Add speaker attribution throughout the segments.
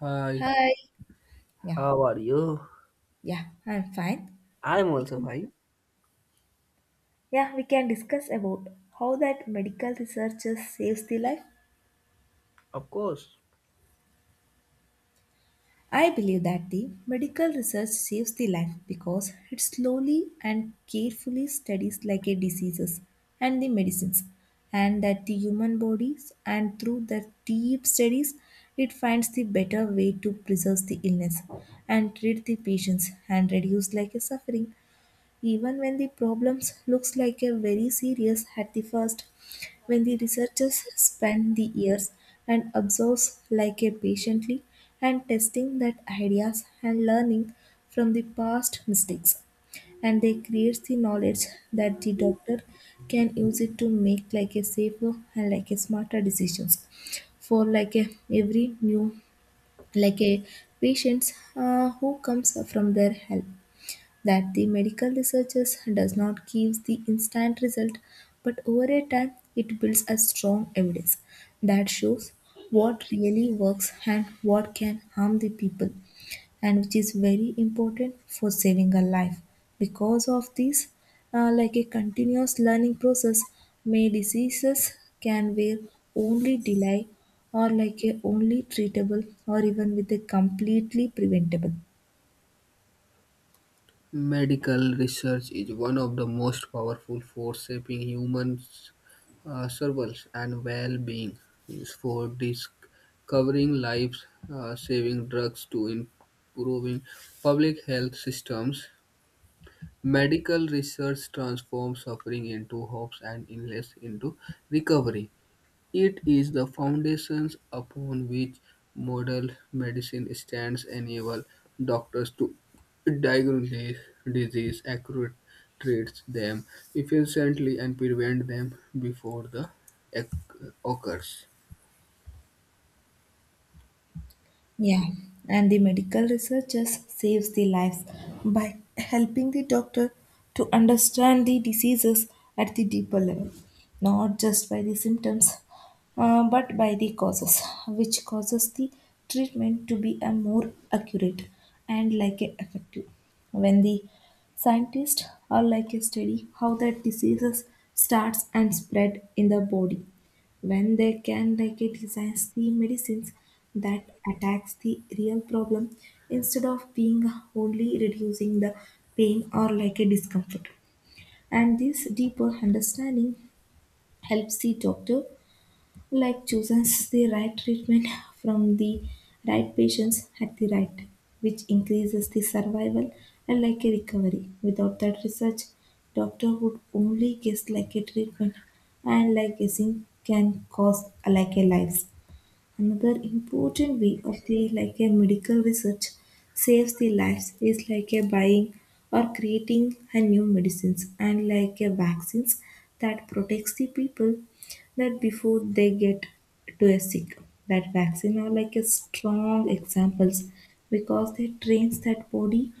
Speaker 1: Hi.
Speaker 2: Hi. Yeah,
Speaker 1: How are you?
Speaker 2: yeah, I'm fine.
Speaker 1: I'm
Speaker 2: We
Speaker 1: also
Speaker 2: can,
Speaker 1: fine,
Speaker 2: Yeah, we can discuss about how that medical researches saves the life.
Speaker 1: of course.
Speaker 2: I believe that the medical research saves the life because it slowly and carefully studies like a diseases and the medicines, and that the human bodies and through the deep studies, it finds the better way to preserve the illness and treat the patients and reduce like a suffering. Even when the problems looks like a very serious at the first, when the researchers spend the years and observes like a patiently and testing that ideas and learning from the past mistakes, and they create the knowledge that the doctor can use it to make like a safer and like a smarter decisions for like a every new like a patients who comes from their help, that the medical researchers does not give the instant result but over a time it builds a strong evidence that shows what really works and what can harm the people, and which is very important for saving a life. Because of this like a continuous learning process, may diseases can where only delay or like a only treatable or even with a completely preventable.
Speaker 1: Medical research is one of the most powerful force shaping humans' survival and well-being. Is for discovering lives, saving drugs, to improving public health systems. Medical research transforms suffering into hopes and illness into recovery. It is the foundations upon which modern medicine stands enable doctors to diagnose disease accurately, treat them efficiently and prevent them before they occurs.
Speaker 2: Yeah, and the medical researchers saves the lives by helping the doctor to understand the diseases at the deeper level, not just by the symptoms, but by the causes, which causes the treatment to be a more accurate and like a effective. When the scientists are like a study how that diseases starts and spread in the body, when they can like it designs the medicines that attacks the real problem instead of being only reducing the pain or like a discomfort. And this deeper understanding helps the doctor like chooses the right treatment from the right patients at the right time, which increases the survival and like a recovery. Without that research, doctor would only guess like a treatment and like guessing can cause like a life. Another important way of the like a medical research saves the lives is like a buying or creating a new medicines and like a vaccines that protects the people that before they get to a sick. That vaccine are like a strong examples because they trains that body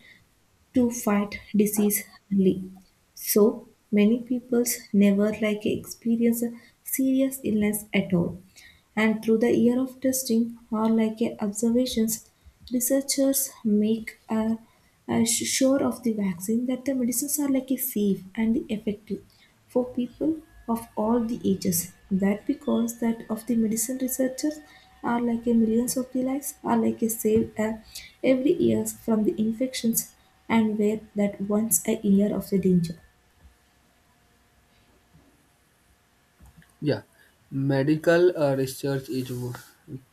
Speaker 2: to fight disease early. So many peoples never like experience a serious illness at all. And through the year of testing or like a observations, researchers make sure of the vaccine that the medicines are like a safe and effective for people of all the ages. That because that of the medicine researchers are like a millions of the lives are like a saved every year from the infections and were that once a year of the danger.
Speaker 1: Yeah, medical research is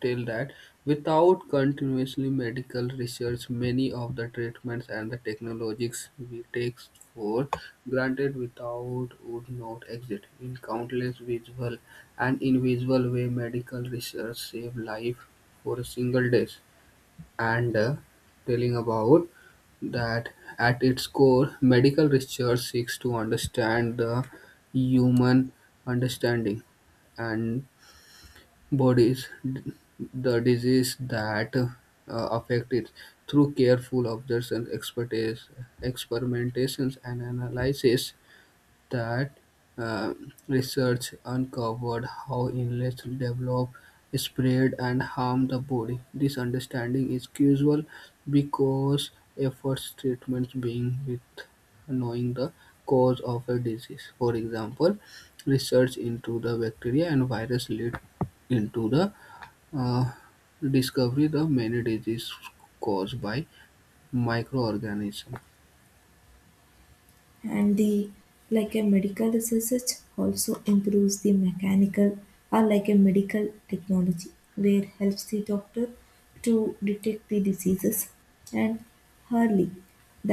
Speaker 1: tell that without continuously medical research, many of the treatments and the technologies we take for granted without would not exist. In countless visual and invisible way, medical research save life for a single day and telling about that at its core, medical research seeks to understand the human understanding and bodies, the disease that affect it through careful observation, expertise, experimentations, and analysis. That research uncovered how illness develop, spread, and harm the body. This understanding is crucial because efforts treatments being with knowing the cause of a disease. For example, research into the bacteria and virus lead into the uh, discovery the many diseases caused by microorganisms.
Speaker 2: And the like a medical research also improves the mechanical or like a medical technology where helps the doctor to detect the diseases and early,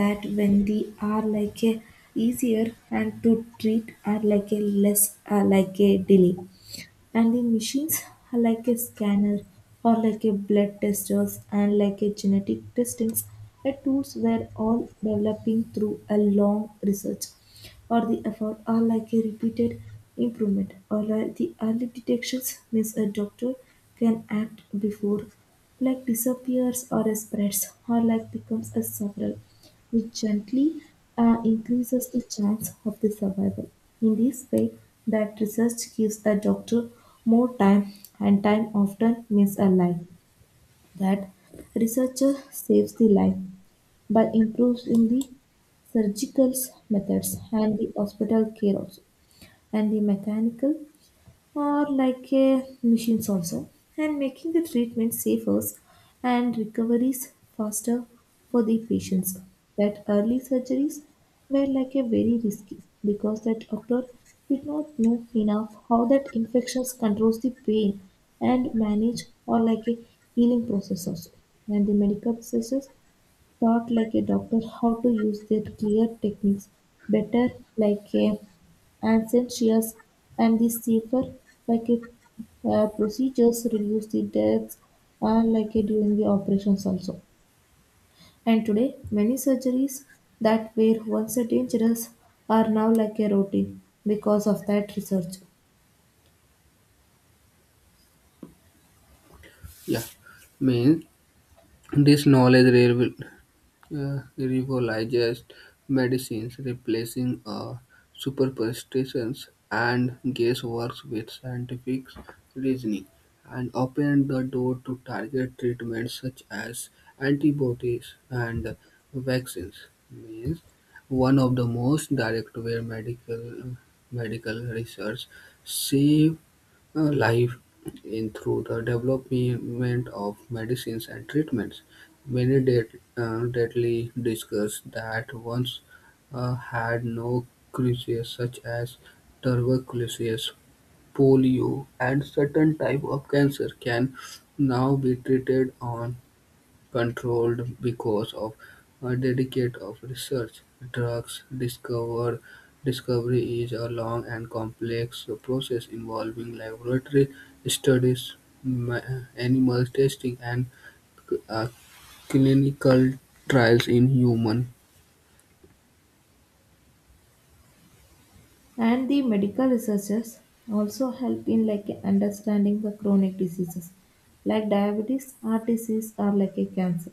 Speaker 2: that when the are like a easier and to treat are like a less like a delay. And the machines are like a scanner or like a blood testers and like a genetic testings, the tools were all developing through a long research or the effort are like a repeated improvement, or like the early detections means a doctor can act before like disappears or spreads, or like becomes a spiral, which gently increases the chance of the survival. In this way, that research gives a doctor more time, and time often means a life. That researcher saves the life by improving the surgical methods and the hospital care also, and the mechanical or like machines also, and making the treatment safer and recoveries faster for the patients. That early surgeries were like a very risky because that doctor did not know enough how that infections controls the pain and manage or like a healing process also. And the medical processes taught like a doctor how to use their clear techniques better, like a Ancentrius, and the safer like a procedures reduce the deaths like a during the operations also. And today many surgeries that were once a dangerous are now like a routine because of that research.
Speaker 1: Yeah, means this knowledge revitalized medicines, replacing superstitions and guesswork with scientific reasoning, and opened the door to target treatments such as antibodies and vaccines. Means one of the most direct way medical research saved life in through the development of medicines and treatments. Many deadly diseases that once had no cure, such as tuberculosis, polio, and certain type of cancer, can now be treated on controlled because of a dedicate of research. Drugs discovery is a long and complex process involving laboratory studies, ma- animal testing, and uh, clinical trials in human.
Speaker 2: And the medical researchers also help in like understanding the chronic diseases like diabetes, heart disease or like a cancer,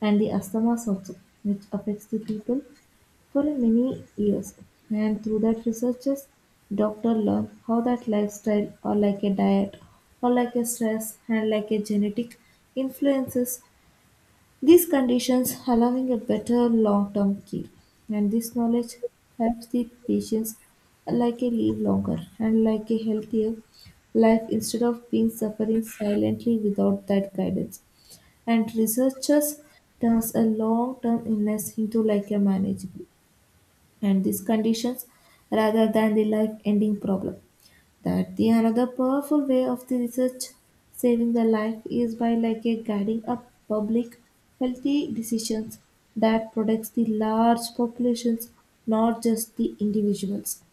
Speaker 2: and the asthmas also, which affects the people for many years. And through that researches, doctor learn how that lifestyle or like a diet or like a stress and like a genetic influences these conditions, allowing a better long-term care. And this knowledge helps the patients like a live longer and like a healthier life instead of being suffering silently without that guidance. And researchers turns a long-term illness into like a manageable and these conditions rather than the life-ending problem. That the another powerful way of the research saving the life is by like a guiding a public healthy decisions that protects the large populations, not just the individuals.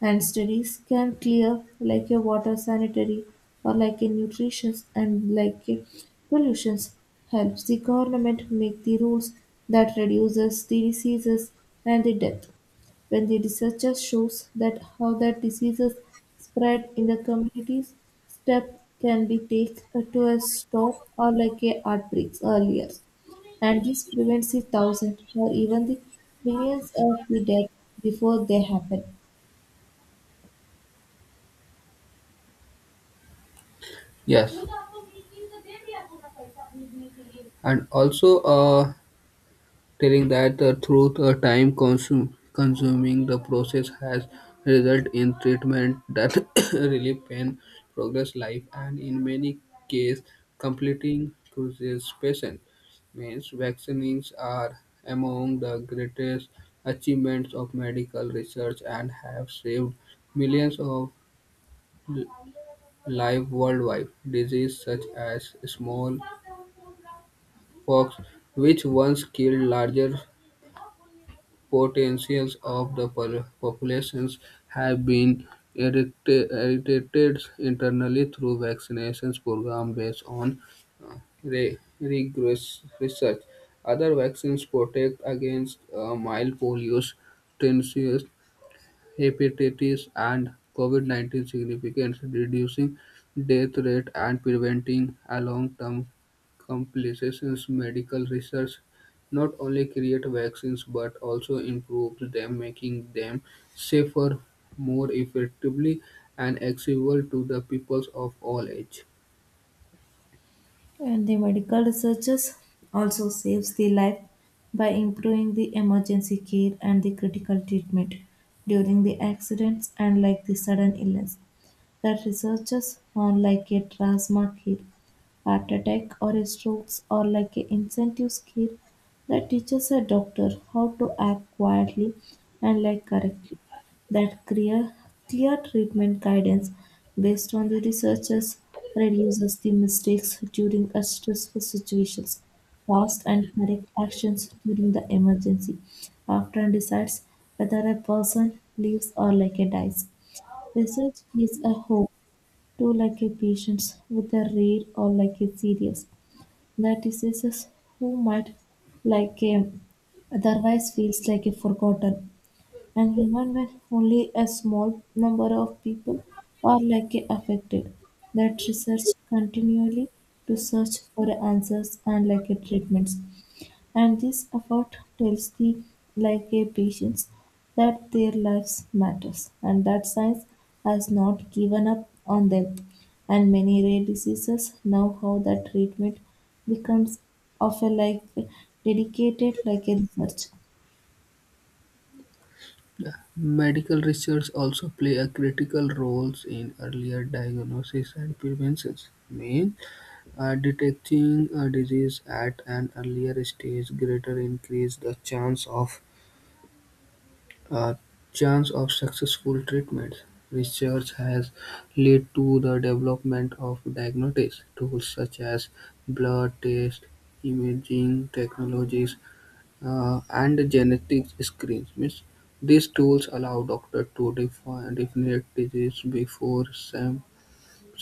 Speaker 2: And studies can clear like a water sanitary or like a nutrition and like a pollutions helps the government make the rules that reduces the diseases and the death. When the research shows that how the diseases spread in the communities, steps can be taken to a stop or like a outbreaks earlier. And this prevents the thousands or even the millions of the death before they happen.
Speaker 1: Yes. And also, telling that the truth a time-consuming the process has resulted in treatment that relieve pain, progress life, and in many cases completing cures patient. Means vaccines are among the greatest achievements of medical research and have saved millions of l- lives worldwide. Diseases such as small pox, which once killed larger potentials of the populations have been eradicated internally through vaccinations program based on uh, rigorous research. Other vaccines protect against mild polio, hepatitis and COVID-19 significance, reducing death rate and preventing a long-term complications. Medical research not only creates vaccines but also improves them, making them safer, more effectively, and accessible to the peoples of all age.
Speaker 2: And the medical researchers also saves the life by improving the emergency care and the critical treatment during the accidents and like the sudden illness. The researchers on, like a drasma skill, heart attack or a strokes or like a incentive skill, that teaches a doctor how to act quietly and like correctly. That clear treatment guidance based on the researchers reduces the mistakes during a stressful situations, fast and correct actions during the emergency, after and decides whether a person lives or like a dies. Research gives a hope too like a patients with a rare or like a serious, the diseases who might like a otherwise feels like a forgotten. And even when only a small number of people are likely affected, that research continually to search for answers and like a treatments. And this effort tells the like a patients that their lives matters and that science has not given up on them. And many rare diseases now how that treatment becomes of a like dedicated like a research.
Speaker 1: Medical research also play a critical roles in earlier diagnosis and prevention. Means detecting a disease at an earlier stage greater increase the chance uh, of successful treatment. Research has led to the development of diagnostic tools such as blood test, imaging technologies, and genetic screens. Means these tools allow doctors to define definite disease before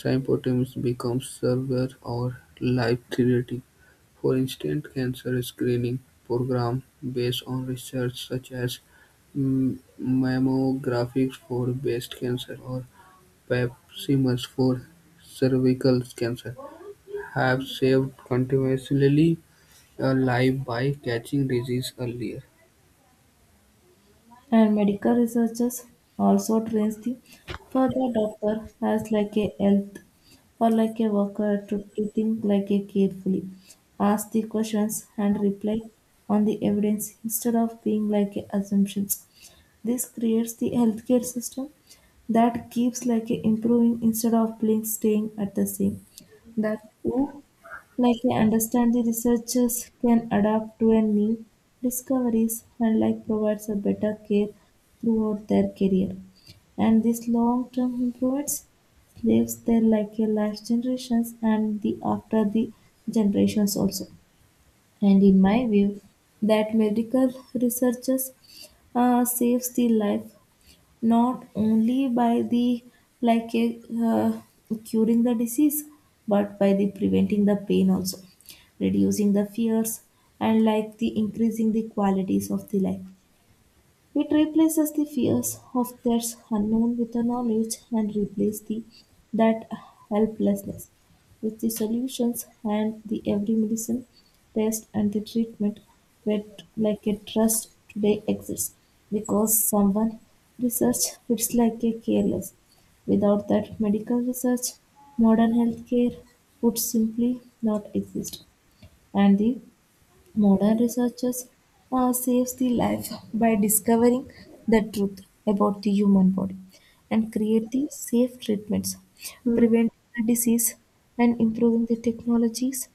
Speaker 1: symptoms become severe or life-threatening. For instance, cancer screening programs based on research such as mammography for breast cancer or pap smears for cervical cancer have saved continuously a life by catching disease earlier.
Speaker 2: And medical researchers also trains the further doctor as like a health or like a worker to think like a carefully, ask the questions and reply on the evidence instead of being like a assumptions. This creates the healthcare system that keeps like a improving instead of being staying at the same. That who like I understand, the researchers can adapt to a new discoveries and like provides a better care throughout their career. And this long-term improvements lives their like a life generations and the after the generations also. And in my view, that medical researchers saves the life not only by the like curing the disease but by the preventing the pain also, reducing the fears and like the increasing the qualities of the life. It replaces the fears of that's unknown with the knowledge and replaces the that helplessness with the solutions. And the every medicine, test and the treatment where like a trust today exists because someone research it's like a careless. Without that medical research, modern healthcare would simply not exist. And the modern researchers saves the life by discovering the truth about the human body and create the safe treatments, preventing the disease and improving the technologies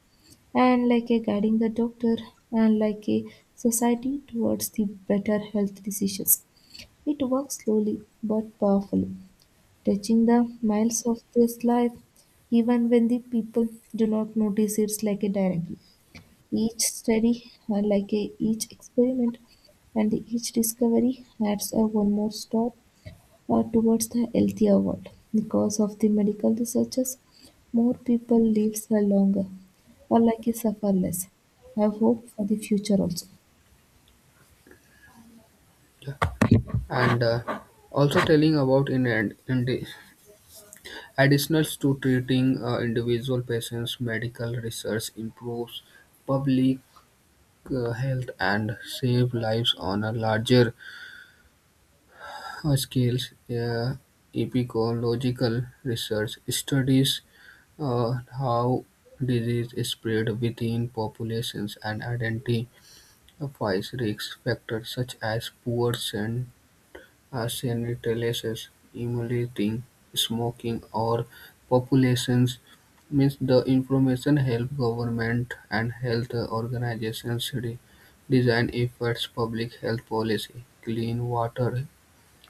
Speaker 2: and like a guiding the doctor and like a society towards the better health decisions. It works slowly but powerfully, touching the miles of this life even when the people do not notice it like a directly. Each study, each experiment and each discovery, adds a one more step towards the healthier world. Because of the medical researchers, more people live longer or like a suffer less. Have hope for the future also.
Speaker 1: Yeah. And also telling about and in additional to treating individual patients, medical research improves public health and save lives on a larger scale. Uh, epidemiological research studies uh, how disease is spread within populations and identifies risk factors such as poor arsenic releases, emulating, smoking or populations means the information helps government and health organizations design efforts, public health policy, clean water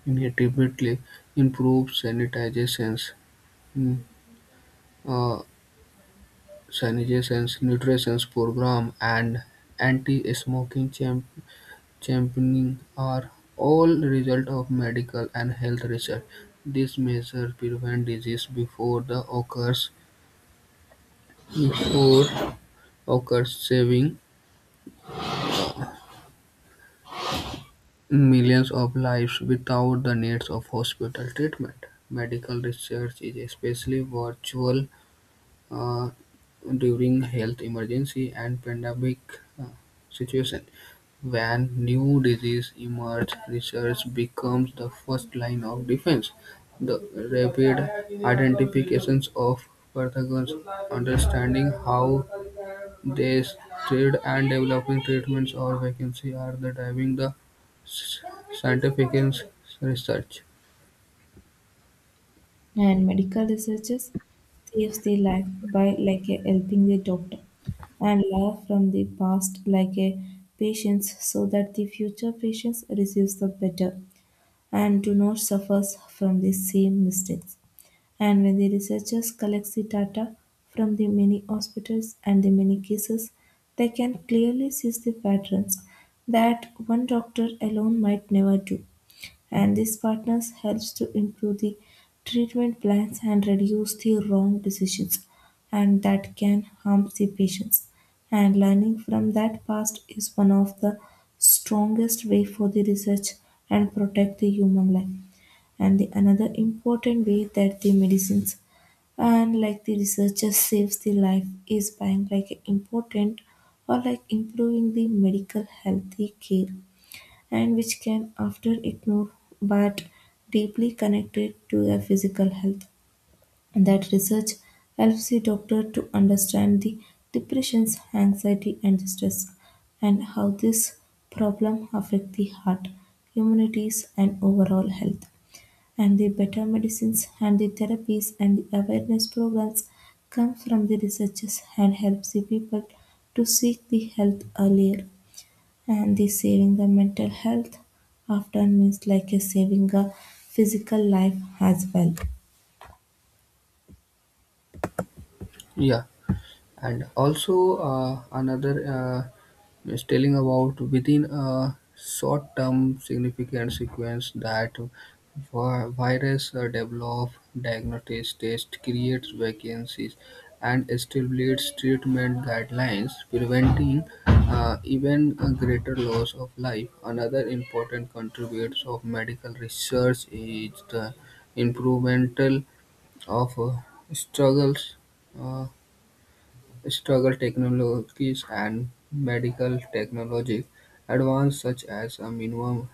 Speaker 1: inevitably improve mm, uh, sanitizations, nutrition program and anti-smoking championing are all result of medical and health research. These measures prevent disease before occurs, saving millions of lives without the needs of hospital treatment. Medical research is especially virtual uh, during health emergency and pandemic uh, situation. When new disease emerge, research becomes the first line of defense. The rapid identifications of pathogens, understanding how they spread, and developing treatments or vaccines are the driving the s- scientific research.
Speaker 2: And medical researchers saves their life by like a, helping the doctor and learn from the past like a patients so that the future patients receives the better and do not suffer from the same mistakes. And when the researchers collect the data from the many hospitals and the many cases, they can clearly see the patterns that one doctor alone might never do. And these partners helps to improve the treatment plans and reduce the wrong decisions and that can harm the patients. And learning from that past is one of the strongest way for the research and protect the human life. And the another important way that the medicines and like the researchers saves the life is by like important or like improving the medical healthy care, and which can often ignore, but deeply connected to their physical health. That research helps the doctor to understand the depressions, anxiety, and stress, and how this problem affect the heart, immunities, and overall health. And the better medicines and the therapies and the awareness programs come from the researchers and helps the people to seek the health earlier, and this saving the mental health often means like a saving a physical life as well.
Speaker 1: Yeah. And also another is telling about within a short-term significant sequence that virus develop diagnosis test creates vacancies and establishes treatment guidelines preventing even a greater loss of life another important contributors of medical research is the improvement of struggles uh, struggle technologies and medical technology advances such as a minimum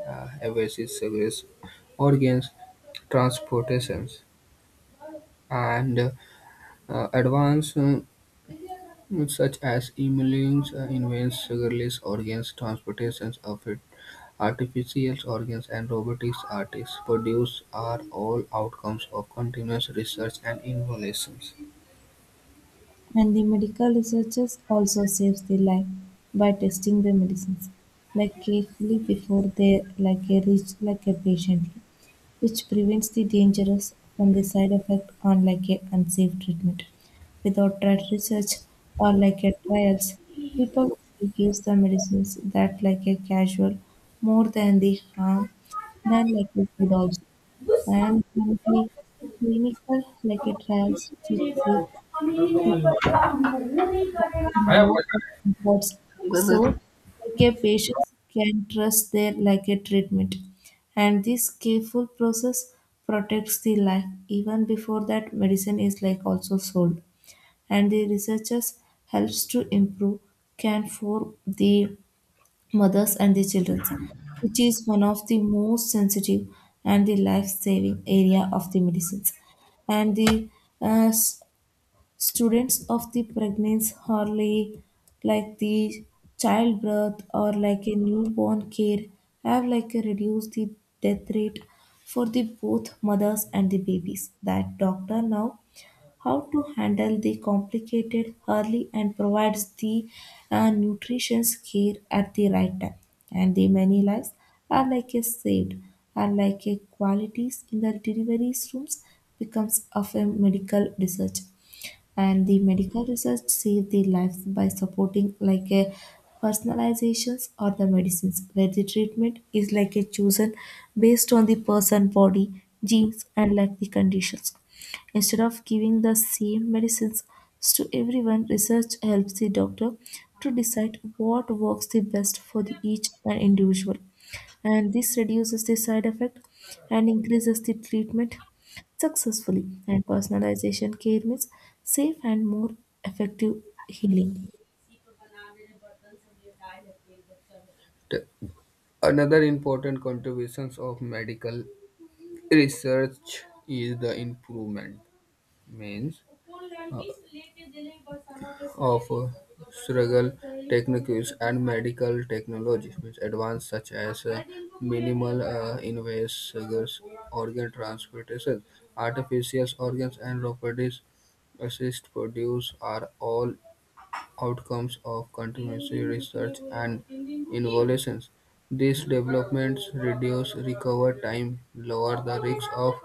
Speaker 1: invasive service, organs transportations, and advances such as immune invents sugarless organs transportations of it. Artificial organs and robotics artists produce are all outcomes of continuous research and innovations.
Speaker 2: And the medical researchers also saves the life by testing the medicines like carefully before they like a reach like a patiently, which prevents the dangerous from the side effect on like a unsafe treatment. Without trial research or like a trials, people will use the medicines that like a casual more than the harm than like a good also. And the clinical like a trials to see more for comforts. So,
Speaker 1: Well,
Speaker 2: like a patient can trust their like a treatment. And this careful process protects the life even before that medicine is like also sold. And the researchers helps to improve care for the mothers and the children, which is one of the most sensitive and the life-saving area of the medicines and the uh, s- students of the pregnancy hardly like the childbirth or like a newborn care have like a reduced the death rate for the both mothers and the babies that doctor now how to handle the complicated early and provides the nutrition care at the right time, and the many lives are like a saved are like a qualities in the delivery rooms becomes of a medical research. And the medical research saved their lives by supporting like a personalizations or the medicines where the treatment is like a chosen based on the person body genes and like the conditions instead of giving the same medicines to everyone. Research helps the doctor to decide what works the best for the each and individual, and this reduces the side effect and increases the treatment successfully. And personalization care means safe and more effective healing.
Speaker 1: that- another important contributions of medical research is the improvement means uh, of surgical techniques and medical technologies means advanced such as minimal invasive organ transplantation artificial organs and robotics assist produce are all outcomes of continuous research and innovations. These developments reduce recovery time, lower the risk of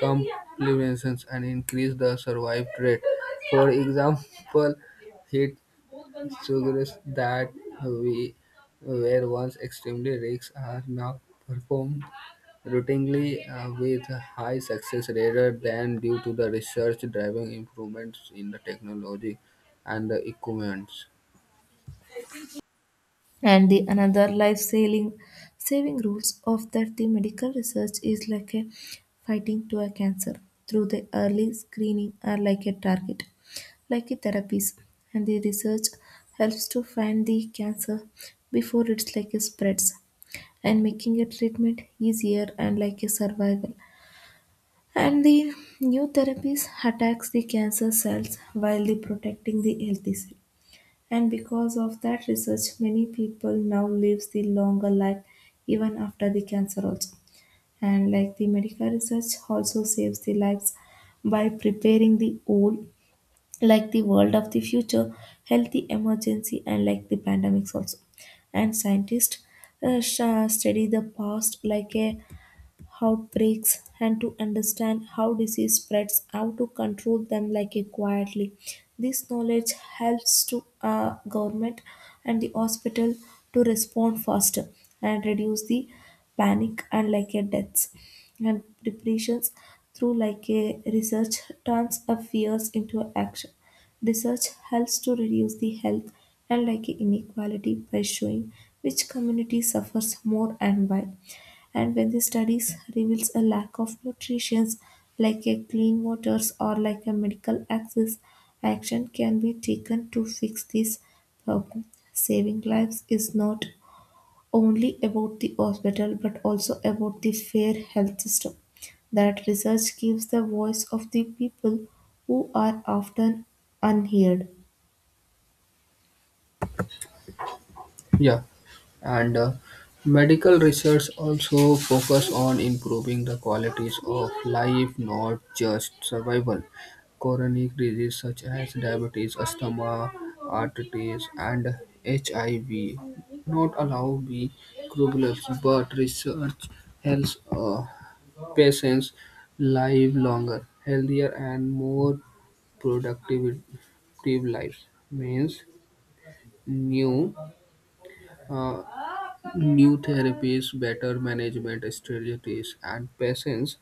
Speaker 1: complications, and increase the survival rate. For example, it suggests that we were once extremely risks are now performed routinely with high success rather than due to the research driving improvements in the technology and the equipment.
Speaker 2: And the another life saving saving rules of that the medical research is like a fighting to a cancer through the early screening are like a target, like a therapies. And the research helps to find the cancer before it's like a spreads and making a treatment easier and like a survival. And the new therapies attacks the cancer cells while the protecting the healthy cell. And because of that research, many people now lives the longer life even after the cancer also. And like the medical research also saves the lives by preparing the old like the world of the future, healthy emergency and like the pandemics also. And scientists study the past like a outbreaks and to understand how disease spreads, how to control them like a quietly. This knowledge helps to government and the hospital to respond faster and reduce the panic and like a deaths and depressions through like a research turns of fears into action. Research helps to reduce the health and like a inequality by showing which community suffers more and why. And when the studies reveals a lack of nutrients, like a clean waters or like a medical access, action can be taken to fix this problem. Saving lives is not only about the hospital but also about the fair health system. That research gives the voice of the people who are often unheard.
Speaker 1: Yeah, and medical research also focus on improving the qualities of life, not just survival. Chronic disease such as diabetes, asthma, arthritis, and HIV not allow be curable, but research helps patients live longer, healthier, and more productive productive lives. Means new. uh, new therapies, better management strategies, and patients'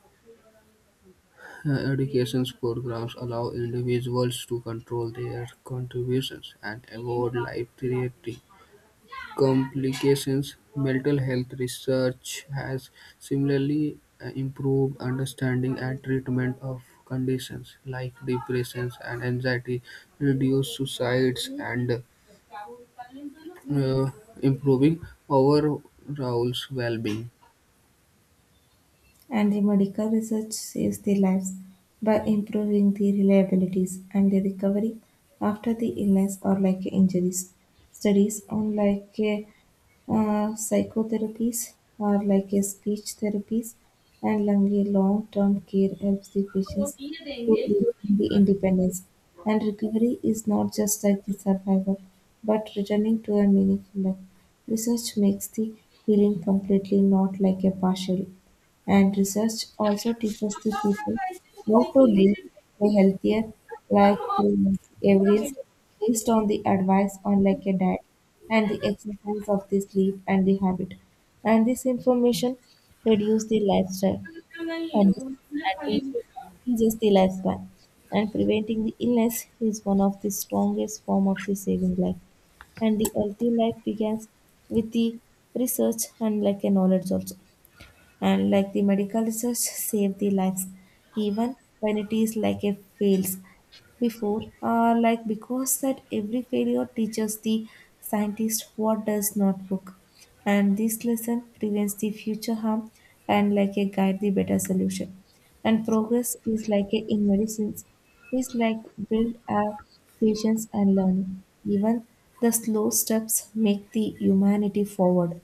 Speaker 1: education programs allow individuals to control their contributions and avoid life-threatening complications. Mental health research has similarly improved understanding and treatment of conditions like depressions and anxiety, reduce suicides, and uh, uh, improving overall well-being.
Speaker 2: And the medical research saves their lives by improving the reliabilities and the recovery after the illness or like injuries. Studies on like psychotherapies or like a speech therapies and lung long-term care helps the patients to regain the independence. And recovery is not just like the survival, but returning to a meaningful life. Research makes the healing completely, not like a partial. And research also teaches the people how to live a healthier life through average based on the advice on like a diet and the exercise of the sleep and the habit. And this information reduce the lifestyle and the and the increases the lifespan. And preventing the illness is one of the strongest form of the saving life. And the healthy life begins with the research and like a knowledge also, and like the medical research save the lives even when it is like a fails before like because that every failure teaches the scientist what does not work, and this lesson prevents the future harm and like a guide the better solution. And progress is like a, in medicines is like build our patience and learning. Even the slow steps make the humanity forward.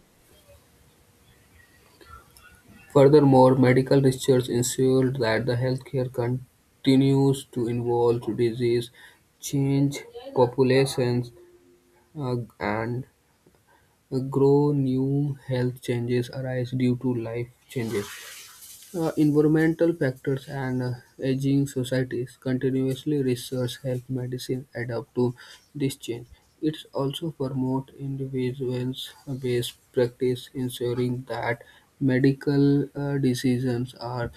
Speaker 1: Furthermore, medical research ensured that the healthcare continues to involve disease, change, populations and grow, new health changes arise due to life changes. Environmental factors and aging societies continuously research help medicine adapt to this change. It also promotes individuals' based practice, ensuring that medical decisions are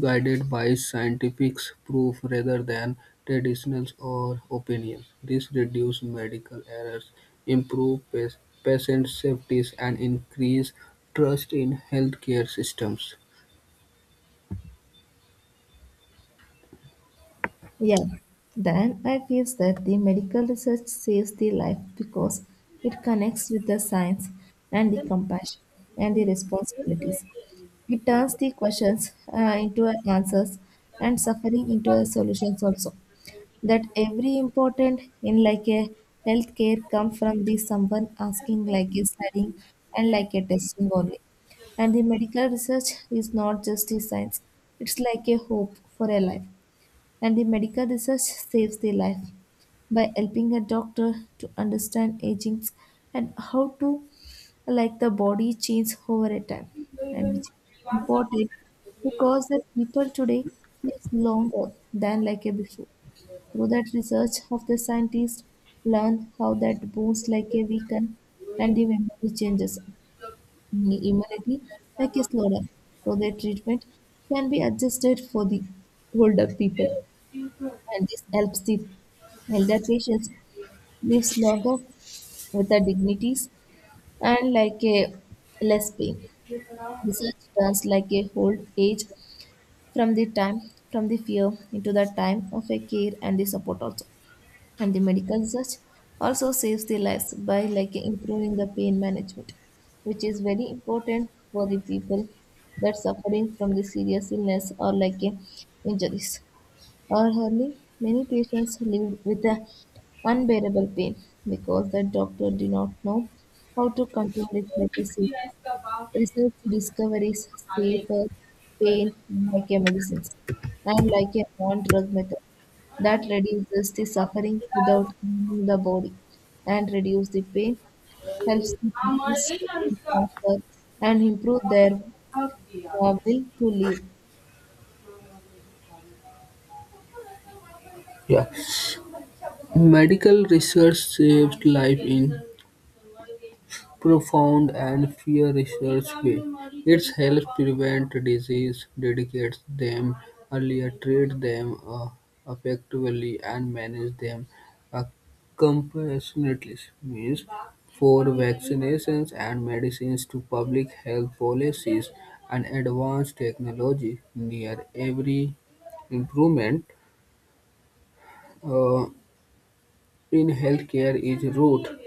Speaker 1: guided by scientific proof rather than traditions or opinions. This reduces medical errors, improves patient safety, and increase trust in healthcare systems.
Speaker 2: Yeah. Then I feels that the medical research saves the life because it connects with the science and the compassion and the responsibilities. It turns the questions into a answers and suffering into a solutions also. That every important in like a healthcare come from the someone asking like a studying and like a testing only. And the medical research is not just the science; it's like a hope for a life. And the medical research saves their life by helping a doctor to understand aging and how to like the body change over a time, and which is important because the people today lives longer than like a before. Through that research of the scientists learn how that bones like a weaken and the memory changes the immunity like a slower, so their treatment can be adjusted for the older people, and this helps the elder patients lives longer with the dignities and like a less pain. Research turns like a old age from the time from the fear into the time of a care and the support also. And the medical research also saves the lives by like improving the pain management, which is very important for the people that suffering from the serious illness or like a injuries or Early, many patients lived with the unbearable pain because the doctor did not know how to control it like a sick. Research discoveries safer pain like a medicine and like a non-drug method that reduces the suffering without harming the body and reduce the pain, helps the patients to heal faster and improve their will to live.
Speaker 1: Yeah. Medical research saved life in profound and fear research way. It helps prevent disease, detects them earlier, treat them effectively, and manage them uh, compassionate use means for vaccinations and medicines to public health policies and advanced technology. Near every improvement uh, in healthcare is rooted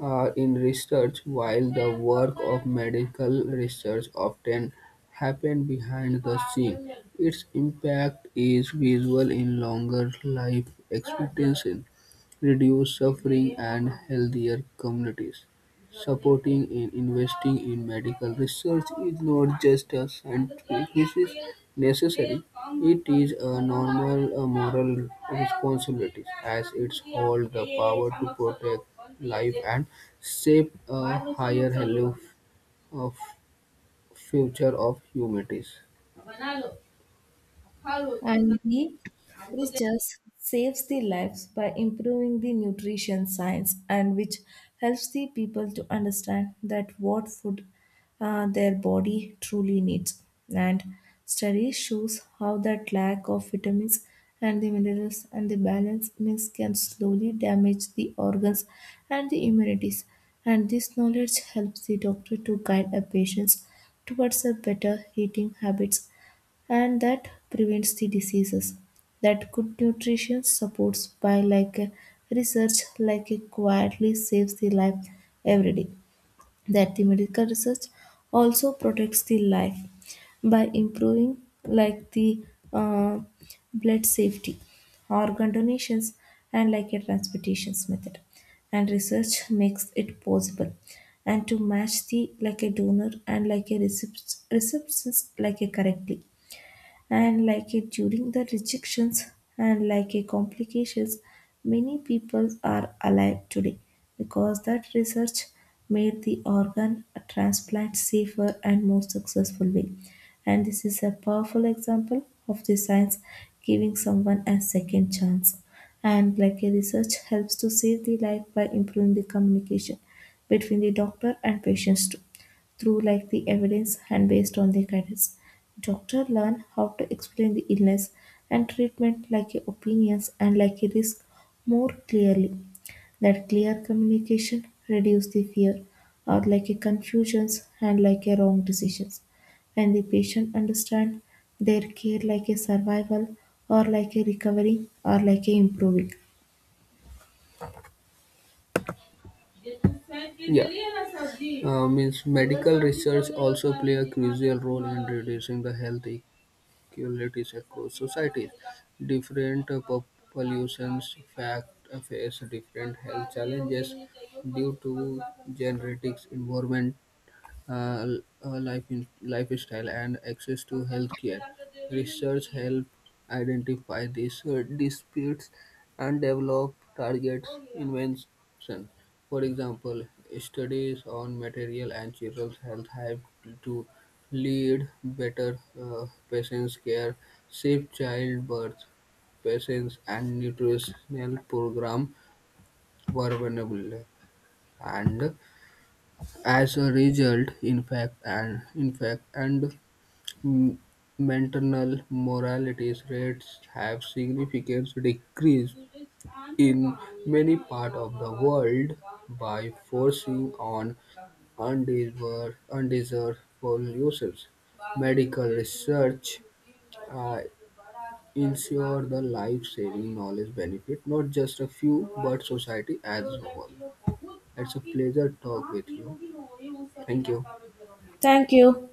Speaker 1: in research, while the work of medical research often happens behind the scene. Its impact is visible in longer life expectancy, reduced suffering, and healthier communities. Supporting and investing in medical research is not just a scientific necessity, it is a normal moral responsibility as it holds the power to protect life and shape a higher value of future of humanity.
Speaker 2: And the research saves the lives by improving the nutrition science and which helps the people to understand that what food their body truly needs, and study shows how that lack of vitamins and the minerals and the balance meals can slowly damage the organs and the immunities, and this knowledge helps the doctor to guide a patient towards a better eating habits, and that prevents the diseases that good nutrition supports by like a research like it quietly saves the life every day. That the medical research also protects the life by improving like the uh, blood safety, organ donations, and like a transportations method. And research makes it possible and to match the like a donor and like a recipients recipients like a correctly and like it during the rejections and like a complications. Many people are alive today because that research made the organ transplant safer and more successful way, and this is a powerful example of the science giving someone a second chance. And like a research helps to save the life by improving the communication between the doctor and patients too through like the evidence and based on the guidance. Doctor learn how to explain the illness and treatment like a opinions and like a risk more clearly. That clear communication reduce the fear or like a confusions and like a wrong decisions. When the patient understand their care like a survival or like a recovery or like a improving.
Speaker 1: Yeah. Means medical research also play a crucial role in reducing the health communities across societies. Different populations face different health challenges due to genetics, environment, lifestyle and access to healthcare. Research helped identify these disputes and develop targets invention. For example, studies on material and children's health have to lead better patients' care, safe childbirth, patients and nutritional program were vulnerable and as a result, in fact, and M- maternal mortality rates have significantly decreased in many parts of the world by forcing on undesired pollutions. Medical research uh, ensure the life-saving knowledge benefit, not just a few, but society as a whole. It's a pleasure talk with you. Thank you.
Speaker 2: Thank you.